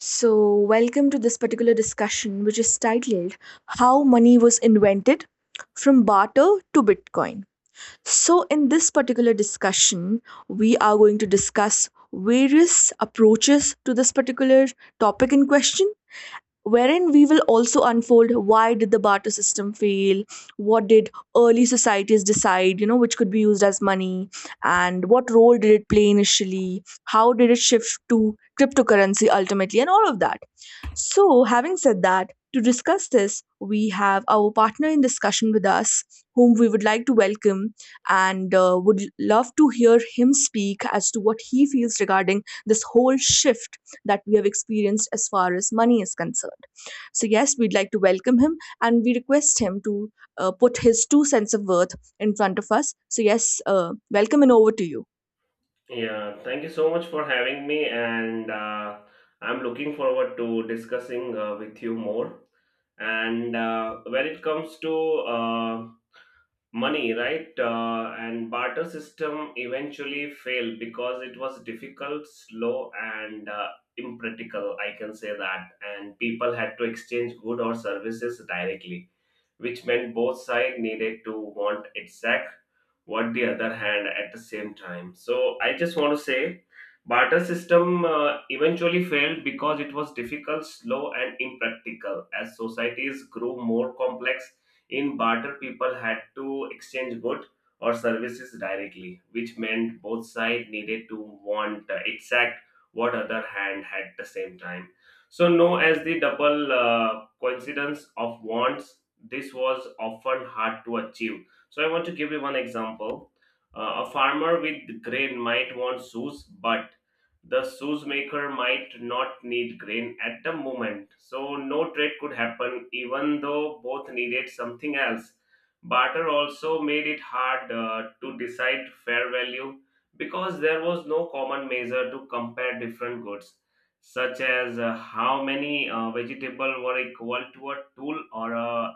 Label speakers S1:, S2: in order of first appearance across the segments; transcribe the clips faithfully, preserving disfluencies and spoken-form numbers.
S1: So, welcome to this particular discussion, which is titled How Money Was Invented from Barter to Bitcoin. So, in this particular discussion, we are going to discuss various approaches to this particular topic in question, wherein we will also unfold why did the barter system fail, what did early societies decide, you know, which could be used as money, and what role did it play initially, how did it shift to cryptocurrency ultimately, and all of that. So, having said that, to discuss this we have our partner in discussion with us, whom we would like to welcome, and uh, would love to hear him speak as to what he feels regarding this whole shift that we have experienced as far as money is concerned. So, yes, we'd like to welcome him and we request him to uh, put his two cents of worth in front of us. So, yes, uh, welcome and over to you.
S2: Yeah, thank you so much for having me, and uh, I'm looking forward to discussing uh, with you more. And uh, when it comes to uh, money, right? Uh, and barter system eventually failed because it was difficult, slow, and uh, impractical. I can say that, and people had to exchange good or services directly, which meant both sides needed to want exact what the other hand at the same time. So I just want to say. Barter system uh, eventually failed because it was difficult, slow, and impractical. As societies grew more complex, in barter, people had to exchange goods or services directly, which meant both sides needed to want uh, exact what other hand had at the same time. So known as the double uh, coincidence of wants, this was often hard to achieve. So I want to give you one example. Uh, a farmer with grain might want shoes, but the shoes maker might not need grain at the moment. So no trade could happen, even though both needed something else. Barter also made it hard uh, to decide fair value because there was no common measure to compare different goods, such as uh, how many uh, vegetable were equal to a tool or a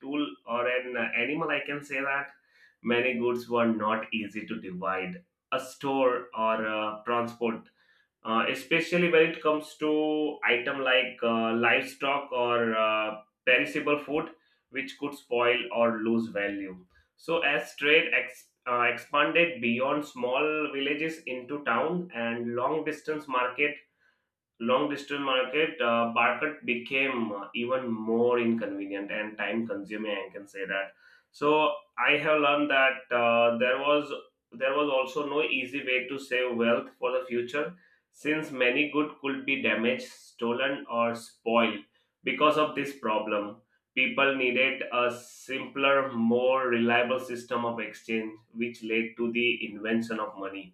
S2: tool or an animal. I can say that many goods were not easy to divide. A store or uh, transport uh, especially when it comes to item like uh, livestock or uh, perishable food which could spoil or lose value. So as trade ex- uh, expanded beyond small villages into town and long distance market, long distance market uh, market became uh, even more inconvenient and time consuming, I can say that. So I have learned that uh, there was there was also no easy way to save wealth for the future, since many good could be damaged, stolen, or spoiled. Because of this problem, people needed a simpler, more reliable system of exchange, which led to the invention of money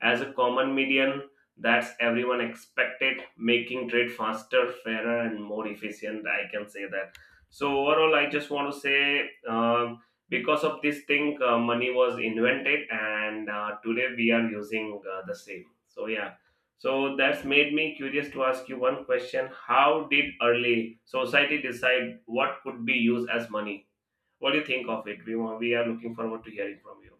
S2: as a common medium that's everyone expected, making trade faster, fairer, and more efficient, I can say that. So overall, I just want to say, um, because of this thing, uh, money was invented, and uh, today we are using uh, the same, so yeah. So that's made me curious to ask you one question. How did early society decide what could be used as money? What do you think of it? We, want, we are looking forward to hearing from you.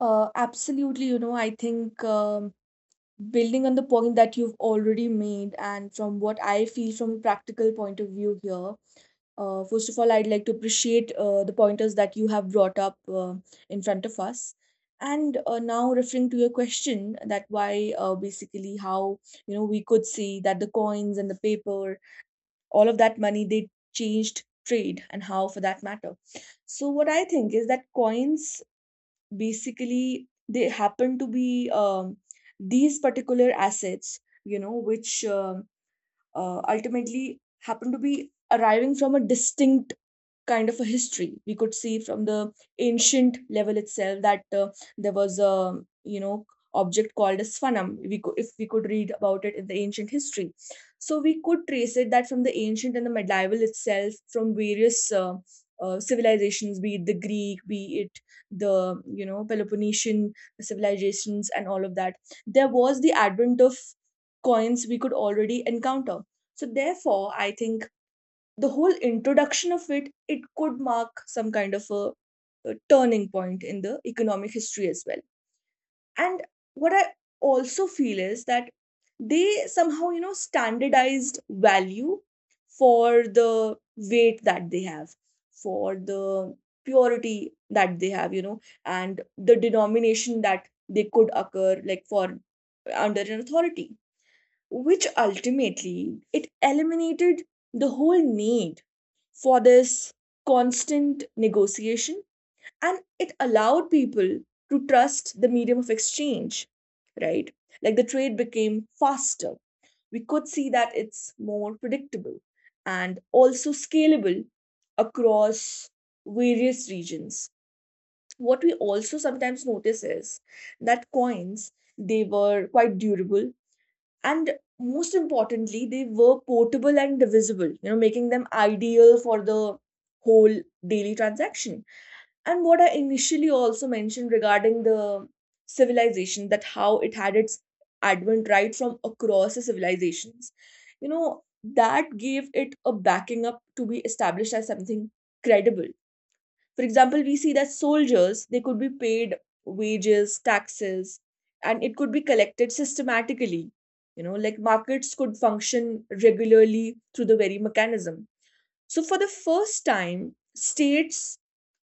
S1: Uh, absolutely, you know, I think um, building on the point that you've already made, and from what I feel from a practical point of view here, uh, first of all, I'd like to appreciate uh, the pointers that you have brought up uh, in front of us. And uh, Now, referring to your question, that why uh, basically, how, you know, we could see that the coins and the paper, all of that money, they changed trade, and how, for that matter. So what I think is that coins basically, they happen to be, um, these particular assets, you know, which um uh, ultimately happen to be arriving from a distinct kind of a history. We could see from the ancient level itself that uh, there was a, you know, object called as sphanum. We could, if we could read about it in the ancient history, so we could trace it that from the ancient and the medieval itself, from various uh, uh, civilizations, be it the Greek, be it the, you know, Peloponnesian civilizations and all of that, there was the advent of coins we could already encounter. So therefore, I think the whole introduction of it it could mark some kind of a, a turning point in the economic history as well. And what I also feel is that they somehow, you know, standardized value for the weight that they have, for the purity that they have, you know, and the denomination that they could occur like, for under an authority, which ultimately it eliminated the whole need for this constant negotiation, and it allowed people to trust the medium of exchange, right? Like, the trade became faster, we could see that it's more predictable and also scalable across various regions. What we also sometimes notice is that coins, they were quite durable, and most importantly, they were portable and divisible, you know, making them ideal for the whole daily transaction. And what I initially also mentioned regarding the civilization, that how it had its advent right from across the civilizations, you know, that gave it a backing up to be established as something credible. For example, we see that soldiers, they could be paid wages, taxes, and it could be collected systematically. You know, like markets could function regularly through the very mechanism. So, for the first time, states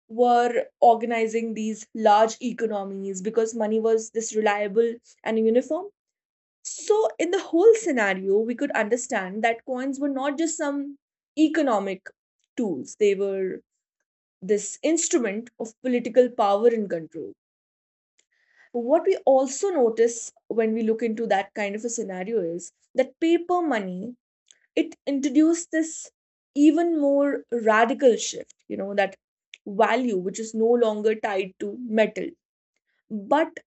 S1: were organizing these large economies because money was this reliable and uniform. So, in the whole scenario, we could understand that coins were not just some economic tools, they were this instrument of political power and control. What we also notice when we look into that kind of a scenario is that paper money, it introduced this even more radical shift, you know, that value which is no longer tied to metal, but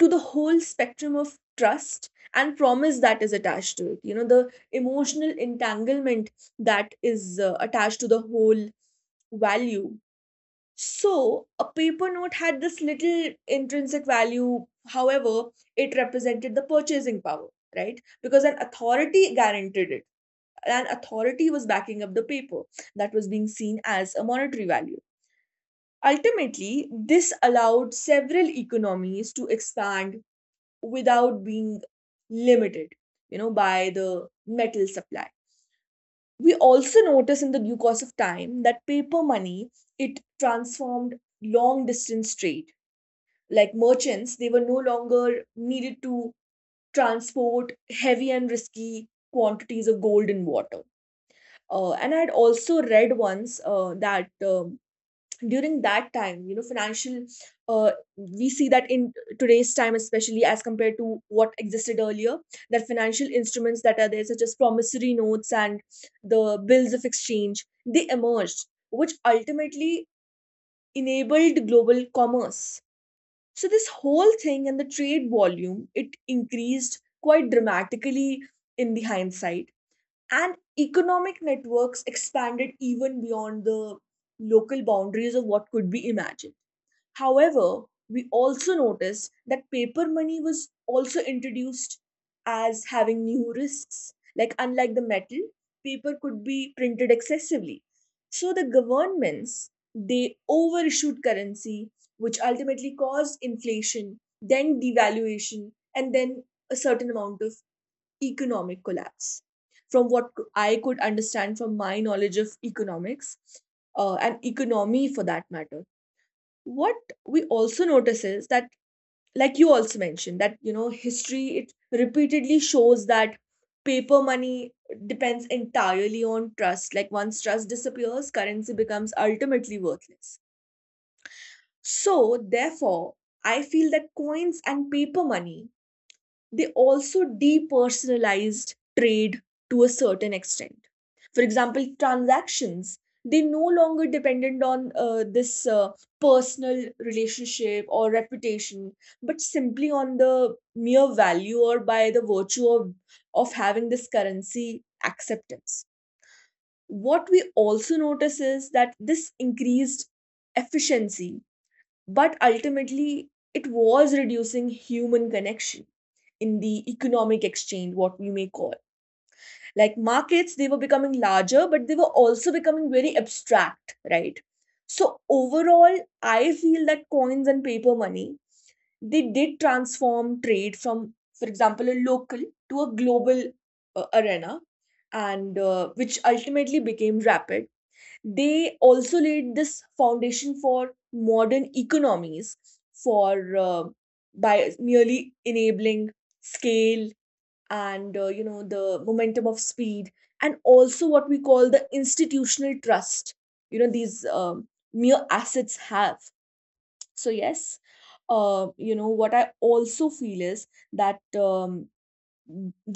S1: to the whole spectrum of trust and promise that is attached to it. You know, the emotional entanglement that is uh, attached to the whole value. So, a paper note had this little intrinsic value. However, it represented the purchasing power, right? Because an authority guaranteed it. An authority was backing up the paper that was being seen as a monetary value. Ultimately, this allowed several economies to expand without being limited, you know, by the metal supply. We also notice in the due course of time that paper money, it transformed long distance trade, like merchants, they were no longer needed to transport heavy and risky quantities of gold and water. Uh, and I had also read once uh, that um, during that time, you know, financial, uh, we see that in today's time, especially as compared to what existed earlier, that financial instruments that are there, such as promissory notes and the bills of exchange, they emerged, which ultimately enabled global commerce. So this whole thing and the trade volume, it increased quite dramatically in the hindsight. And economic networks expanded even beyond the local boundaries of what could be imagined. However, we also noticed that paper money was also introduced as having new risks. Like, unlike the metal, paper could be printed excessively. So, the governments they overissued currency, which ultimately caused inflation, then devaluation, and then a certain amount of economic collapse. From what c- I could understand from my knowledge of economics uh, and economy, for that matter, what we also notice is that, like you also mentioned, that you know, history, it repeatedly shows that paper money depends entirely on trust. Like, once trust disappears, currency becomes ultimately worthless. So therefore, I feel that coins and paper money, they also depersonalized trade to a certain extent. For example, transactions, they no longer depended on uh, this uh, personal relationship or reputation, but simply on the mere value, or by the virtue of, of having this currency acceptance. What we also notice is that this increased efficiency, but ultimately, it was reducing human connection in the economic exchange, what we may call. Like markets, they were becoming larger, but they were also becoming very abstract, right? So overall, I feel that coins and paper money, they did transform trade from, for example, a local to a global uh, arena, and uh, which ultimately became rapid, they also laid this foundation for modern economies, for uh, by merely enabling scale and uh, you know, the momentum of speed, and also what we call the institutional trust, you know, these um, mere assets have. So yes, uh, you know, what I also feel is that, um,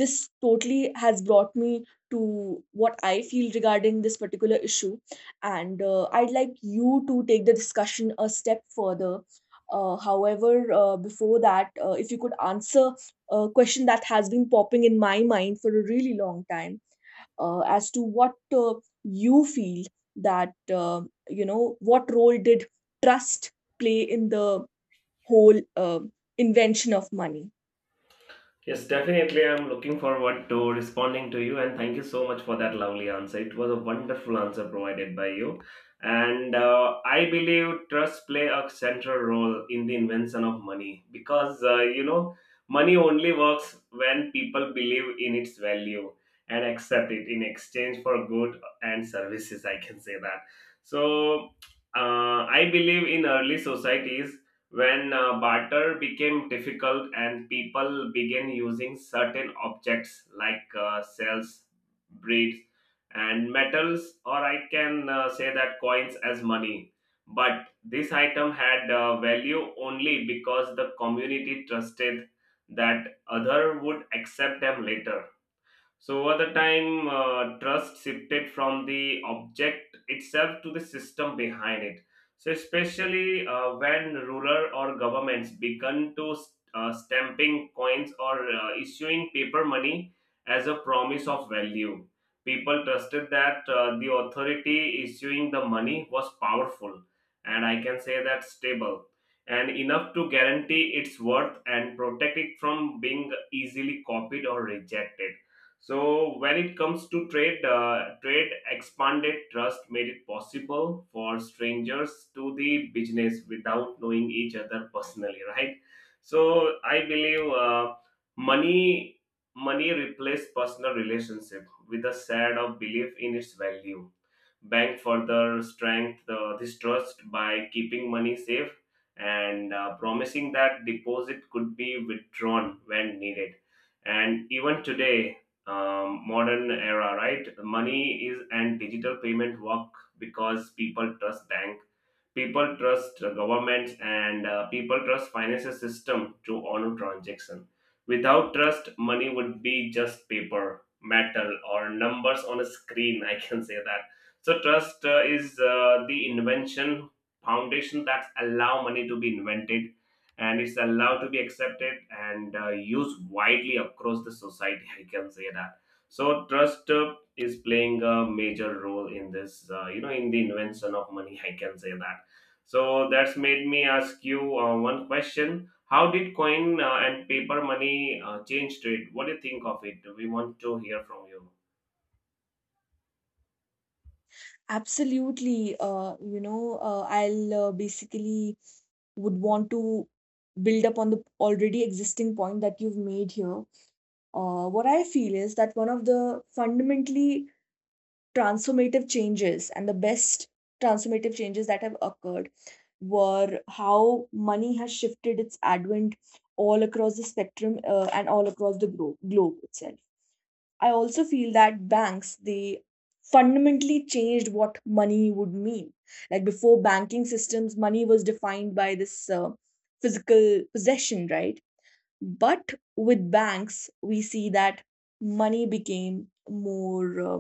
S1: this totally has brought me to what I feel regarding this particular issue. And uh, I'd like you to take the discussion a step further. Uh, however, uh, before that, uh, if you could answer a question that has been popping in my mind for a really long time, uh, as to what uh, you feel that, uh, you know, what role did trust play in the whole uh, invention of money?
S2: Yes, definitely. I'm looking forward to responding to you, and thank you so much for that lovely answer. It was a wonderful answer provided by you, and uh, I believe trust play a central role in the invention of money because uh, you know money only works when people believe in its value and accept it in exchange for good and services. I can say that. So uh, I believe in early societies when uh, barter became difficult and people began using certain objects like uh, cells, beads, and metals, or I can uh, say that coins as money. But this item had uh, value only because the community trusted that other would accept them later. So over the time, uh, trust shifted from the object itself to the system behind it. So especially uh, when ruler or governments began to uh, stamping coins or uh, issuing paper money as a promise of value, people trusted that uh, the authority issuing the money was powerful, and I can say that stable and enough to guarantee its worth and protect it from being easily copied or rejected. So when it comes to trade, uh, trade expanded, trust made it possible for strangers to the business without knowing each other personally, right? So I believe uh, money money replaced personal relationship with a shade of belief in its value. Bank further strength uh, this trust by keeping money safe and uh, promising that deposit could be withdrawn when needed. And even today, um, modern era, right? Money is and digital payment work because people trust bank, people trust uh, governments, and uh, people trust financial system to honor transaction. Without trust, money would be just paper, metal, or numbers on a screen I can say that. So trust uh, is uh, the invention foundation that allow money to be invented, and it's allowed to be accepted and uh, used widely across the society I can say that. So trust uh, is playing a major role in this, uh, you know, in the invention of money I can say that. So that's made me ask you uh, one question. How did coin uh, and paper money uh, change trade? What do you think of it? We want to hear from you.
S1: Absolutely. Uh, you know, uh, I'll uh, basically would want to build up on the already existing point that you've made here. Uh, what I feel is that one of the fundamentally transformative changes, and the best transformative changes that have occurred, were how money has shifted its advent all across the spectrum uh, and all across the glo- globe itself. I also feel that banks, they fundamentally changed what money would mean. Like, before banking systems, money was defined by this uh, physical possession, right? But with banks, we see that money became more uh,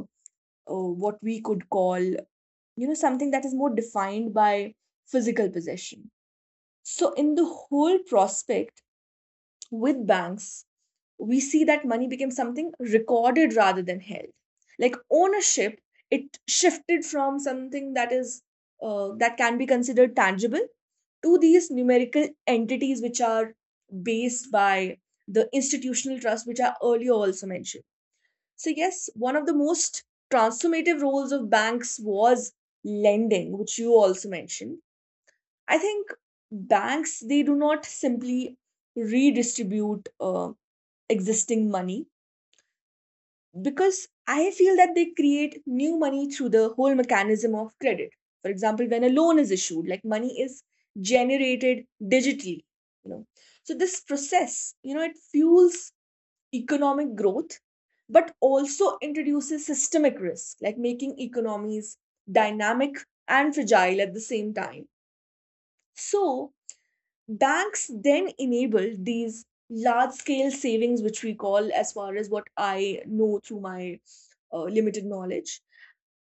S1: uh, what we could call, you know, something that is more defined by physical possession. So in the whole prospect with banks, we see that money became something recorded rather than held. Like, ownership, it shifted from something that is uh, that can be considered tangible to these numerical entities which are based by the institutional trust, which are earlier also mentioned. So yes, one of the most transformative roles of banks was lending, which you also mentioned. I think banks, they do not simply redistribute uh, existing money, because I feel that they create new money through the whole mechanism of credit. For example, when a loan is issued, like money is generated digitally, you know. So this process, you know, it fuels economic growth, but also introduces systemic risk, like making economies dynamic and fragile at the same time. So banks then enable these large scale savings, which we call, as far as what I know through my uh, limited knowledge,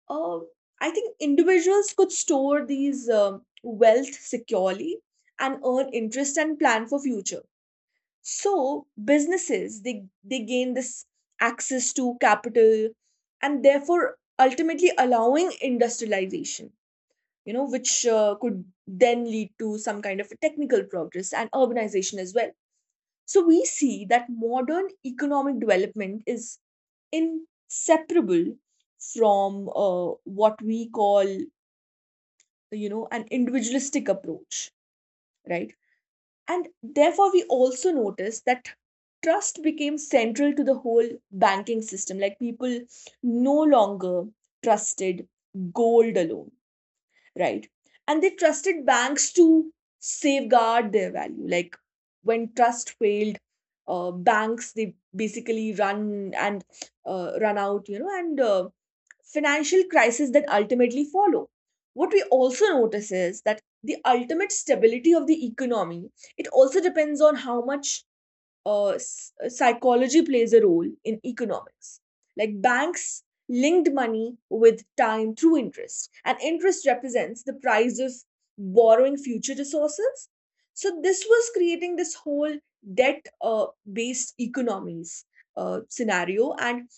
S1: uh, I think individuals could store these um, wealth securely and earn interest and plan for future. So businesses, they they gain this access to capital, and therefore ultimately allowing industrialization, you know, which uh, could then lead to some kind of technical progress and urbanization as well. So we see that modern economic development is inseparable from uh, what we call, you know, an individualistic approach, right? And therefore, we also notice that trust became central to the whole banking system. Like people no longer trusted gold alone, right, and they trusted banks to safeguard their value. Like when trust failed, uh, banks they basically run and uh, run out you know and uh, financial crisis that ultimately follow. What we also notice is that the ultimate stability of the economy, it also depends on how much uh, s- psychology plays a role in economics. Like banks linked money with time through interest, and interest represents the price of borrowing future resources. So this was creating this whole debt uh, based economies uh, scenario, and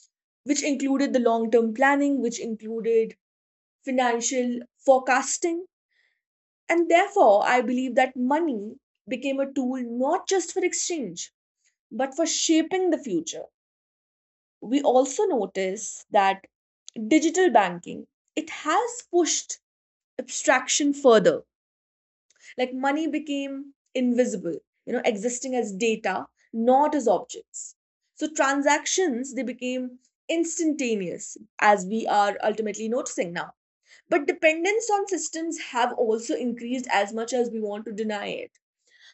S1: which included the long term planning, which included financial forecasting. And therefore, I believe that money became a tool not just for exchange but for shaping the future. We also notice that digital banking, it has pushed abstraction further. Like money became invisible, you know, existing as data, not as objects. So transactions they became instantaneous as we are ultimately noticing now. But dependence on systems have also increased as much as we want to deny it.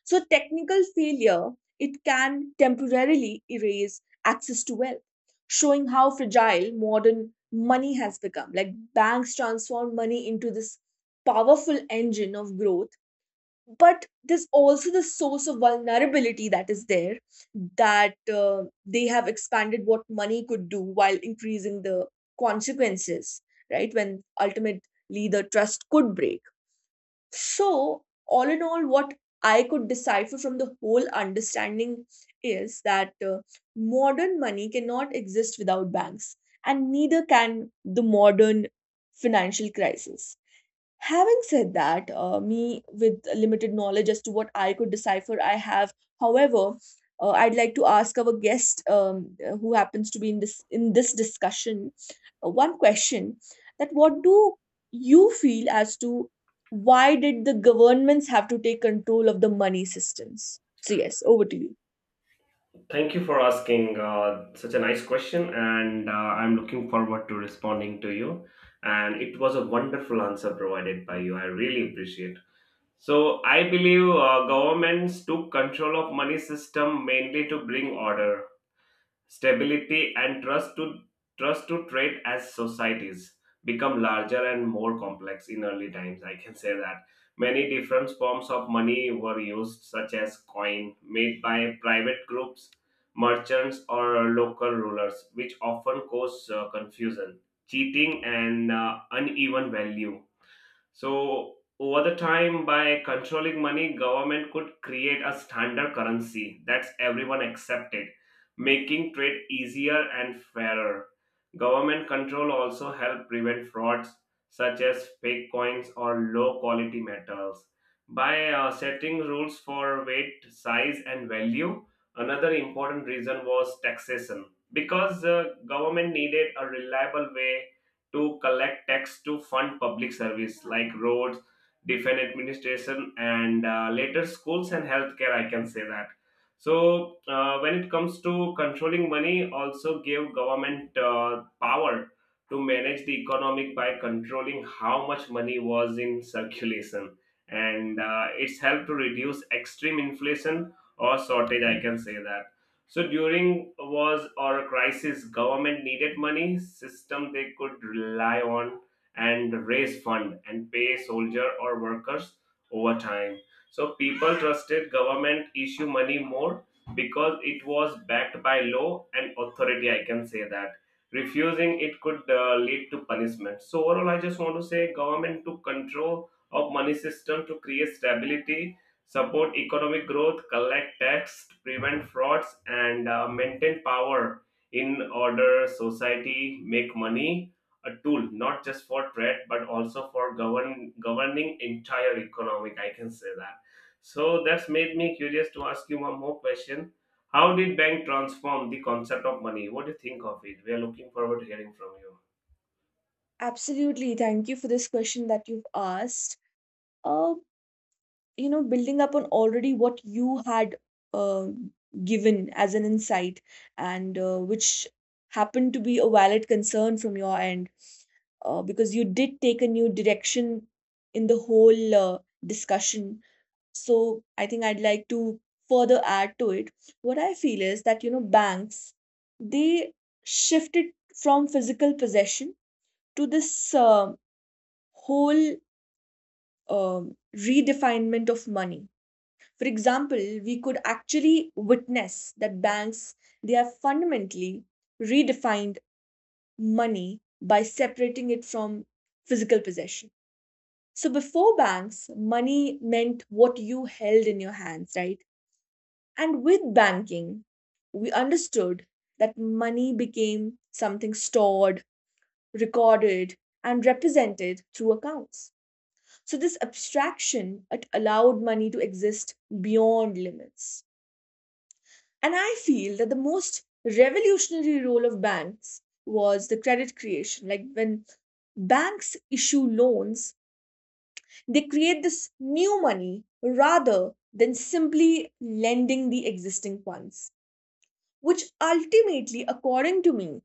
S1: So technical failure, it can temporarily erase access to wealth, showing how fragile modern money has become. Like banks transform money into this powerful engine of growth, but there's also the source of vulnerability that is there, that uh, they have expanded what money could do while increasing the consequences, right? When ultimately the trust could break. So, all in all, what I could decipher from the whole understanding is that uh, modern money cannot exist without banks, and neither can the modern financial crisis. Having said that, uh, me with limited knowledge as to what I could decipher, I have. However, uh, I'd like to ask our guest, um, uh, who happens to be in this in this discussion, uh, one question: that what do you feel as to why did the governments have to take control of the money systems? So yes, over to you.
S2: Thank you for asking uh, such a nice question, and uh, I'm looking forward to responding to you. And it was a wonderful answer provided by you. I really appreciate. So I believe uh, governments took control of money system mainly to bring order, stability, and trust to trust to trade. As societies become larger and more complex in early times, I can say that many different forms of money were used, such as coin made by private groups, merchants, or local rulers, which often caused uh, confusion, cheating, and uh, uneven value. So over the time, by controlling money, government could create a standard currency that's everyone accepted, making trade easier and fairer. Government control also helped prevent frauds such as fake coins or low quality metals. By uh, setting rules for weight, size, and value, another important reason was taxation, because uh, government needed a reliable way to collect tax to fund public service like roads, defense administration, and uh, later schools and healthcare. I can say that. So uh, when it comes to controlling money, also gave government uh, power to manage the economic by controlling how much money was in circulation, and uh, it's helped to reduce extreme inflation or shortage. I can say that. So during a wars or a crisis, government needed money system they could rely on and raise fund and pay soldier or workers over time. So people trusted government issue money more because it was backed by law and authority. I can say that refusing it could uh, lead to punishment. So overall, I just want to say government took control of money system to create stability, support economic growth, collect tax, prevent frauds, and uh, maintain power in order society, make money a tool not just for trade but also for govern governing entire economic, I can say that. So that's made me curious to ask you one more question. How did bank transform the concept of money? What do you think of it? We are looking forward to hearing from you.
S1: Absolutely, thank you for this question that you've asked. Uh, you know building up on already what you had uh, given as an insight, and uh, which happened to be a valid concern from your end, uh, because you did take a new direction in the whole uh, discussion. So I think I'd like to further add to it. What I feel is that, you know, banks, they shifted from physical possession to this uh, whole um redefinement of money. For example, we could actually witness that banks, they have fundamentally redefined money by separating it from physical possession. So before banks, money meant what you held in your hands, right? And with banking, we understood that money became something stored, recorded, and represented through accounts. So this abstraction, it allowed money to exist beyond limits. And I feel that the most revolutionary role of banks was the credit creation. Like when banks issue loans, they create this new money rather than simply lending the existing ones, which ultimately, according to me,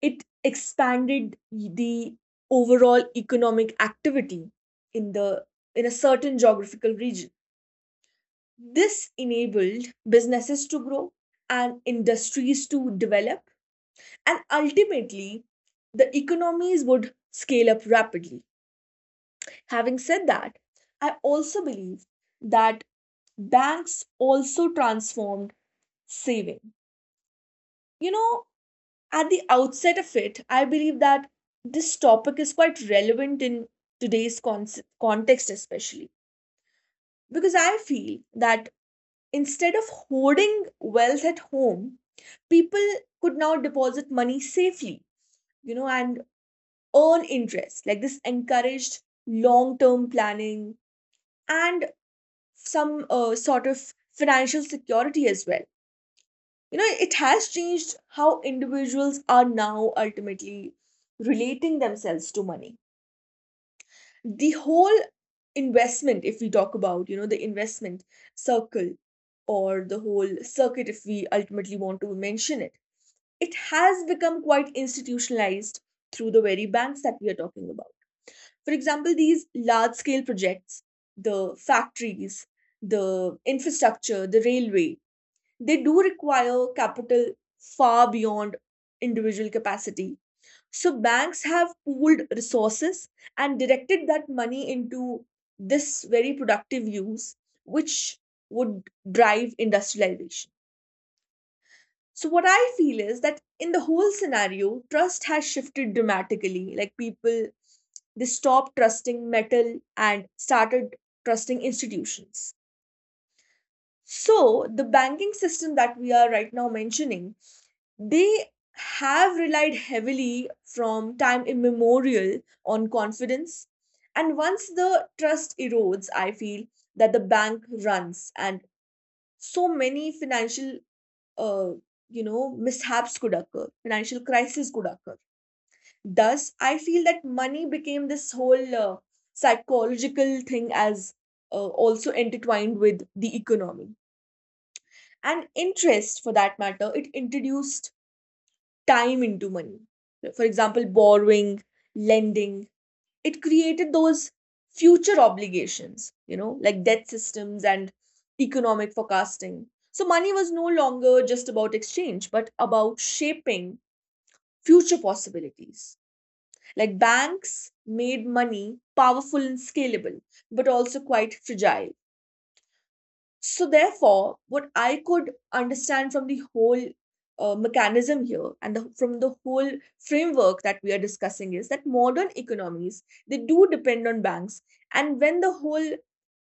S1: it expanded the overall economic activity in the in a certain geographical region. This enabled businesses to grow and industries to develop, and ultimately the economies would scale up rapidly. Having said that, I also believe that banks also transformed saving. You know, at the outset of it, I believe that this topic is quite relevant in today's con- context, especially because I feel that instead of hoarding wealth at home, people could now deposit money safely, you know, and earn interest. Like this encouraged long term planning and some uh, sort of financial security as well. You know, it has changed how individuals are now ultimately relating themselves to money. The whole investment, if we talk about, you know, the investment circle or the whole circuit, if we ultimately want to mention it, it has become quite institutionalized through the very banks that we are talking about. For example, these large scale projects, the factories, the infrastructure, the railway, they do require capital far beyond individual capacity. So banks have pooled resources and directed that money into this very productive use, which would drive industrialization. So what I feel is that in the whole scenario, trust has shifted dramatically. Like people, they stopped trusting metal and started trusting institutions. So the banking system that we are right now mentioning, they have relied heavily from time immemorial on confidence. And once the trust erodes, I feel that the bank runs and so many financial uh, you know, mishaps could occur, financial crisis could occur. Thus, I feel that money became this whole uh, psychological thing, as uh, also intertwined with the economy. And interest, for that matter, it introduced time into money. For example, borrowing, lending, it created those future obligations, you know, like debt systems and economic forecasting. So money was no longer just about exchange, but about shaping future possibilities. Like banks made money powerful and scalable, but also quite fragile. So therefore, what I could understand from the whole uh, mechanism here and the, from the whole framework that we are discussing is that modern economies, they do depend on banks, and when the whole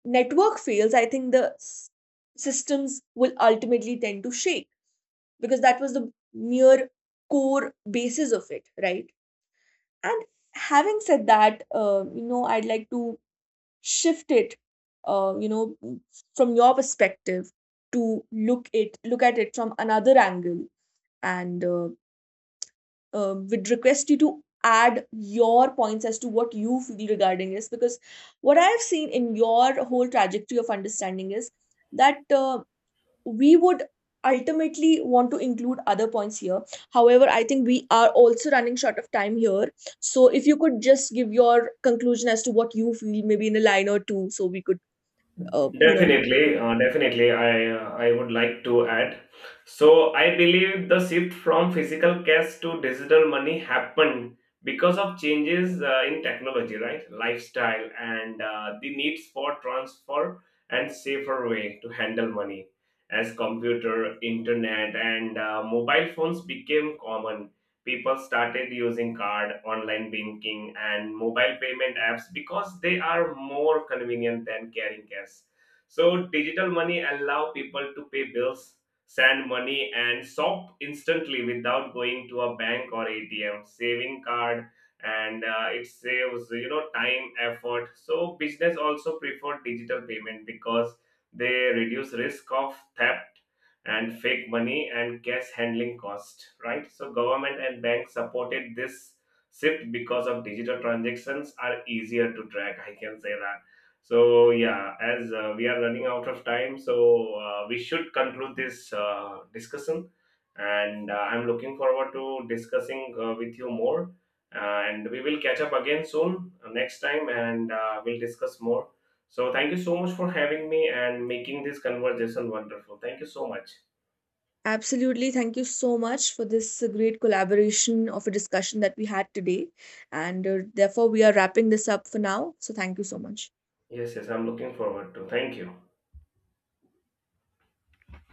S1: network fails, I think the s- systems will ultimately tend to shake, because that was the mere core basis of it, right? And having said that, uh, you know, I'd like to shift it, uh, you know, from your perspective to look it look at it from another angle, and uh, uh, would request you to add your points as to what you feel regarding this, because what I have seen in your whole trajectory of understanding is that. Uh, we would ultimately want to include other points here. However, I think we are also running short of time here. So if you could just give your conclusion as to what you feel, maybe in a line or two, so we could, uh, you know.
S2: Definitely, uh, definitely. I uh, I would like to add. So I believe the shift from physical cash to digital money happened because of changes uh, in technology, right? Lifestyle and uh, the needs for transfer and safer way to handle money as computer, internet, and uh, mobile phones became common. People started using card, online banking, and mobile payment apps because they are more convenient than carrying cash. So digital money allow people to pay bills, send money, and shop instantly without going to a bank or A T M, saving card, and uh, it saves, you know, time, effort. So business also prefer digital payment because they reduce risk of theft and fake money and cash handling cost, right? So government and banks supported this shift because of digital transactions are easier to track, I can say that. So yeah, as uh, we are running out of time, so uh, we should conclude this uh, discussion. And uh, I'm looking forward to discussing uh, with you more. Uh, And we will catch up again soon uh, next time, and uh, we'll discuss more. So thank you so much for having me and making this conversation wonderful. Thank you so much.
S1: Absolutely. Thank you so much for this uh, great collaboration of a discussion that we had today. And uh, therefore, we are wrapping this up for now. So thank you so much.
S2: Yes, yes, I'm looking forward to. Thank you.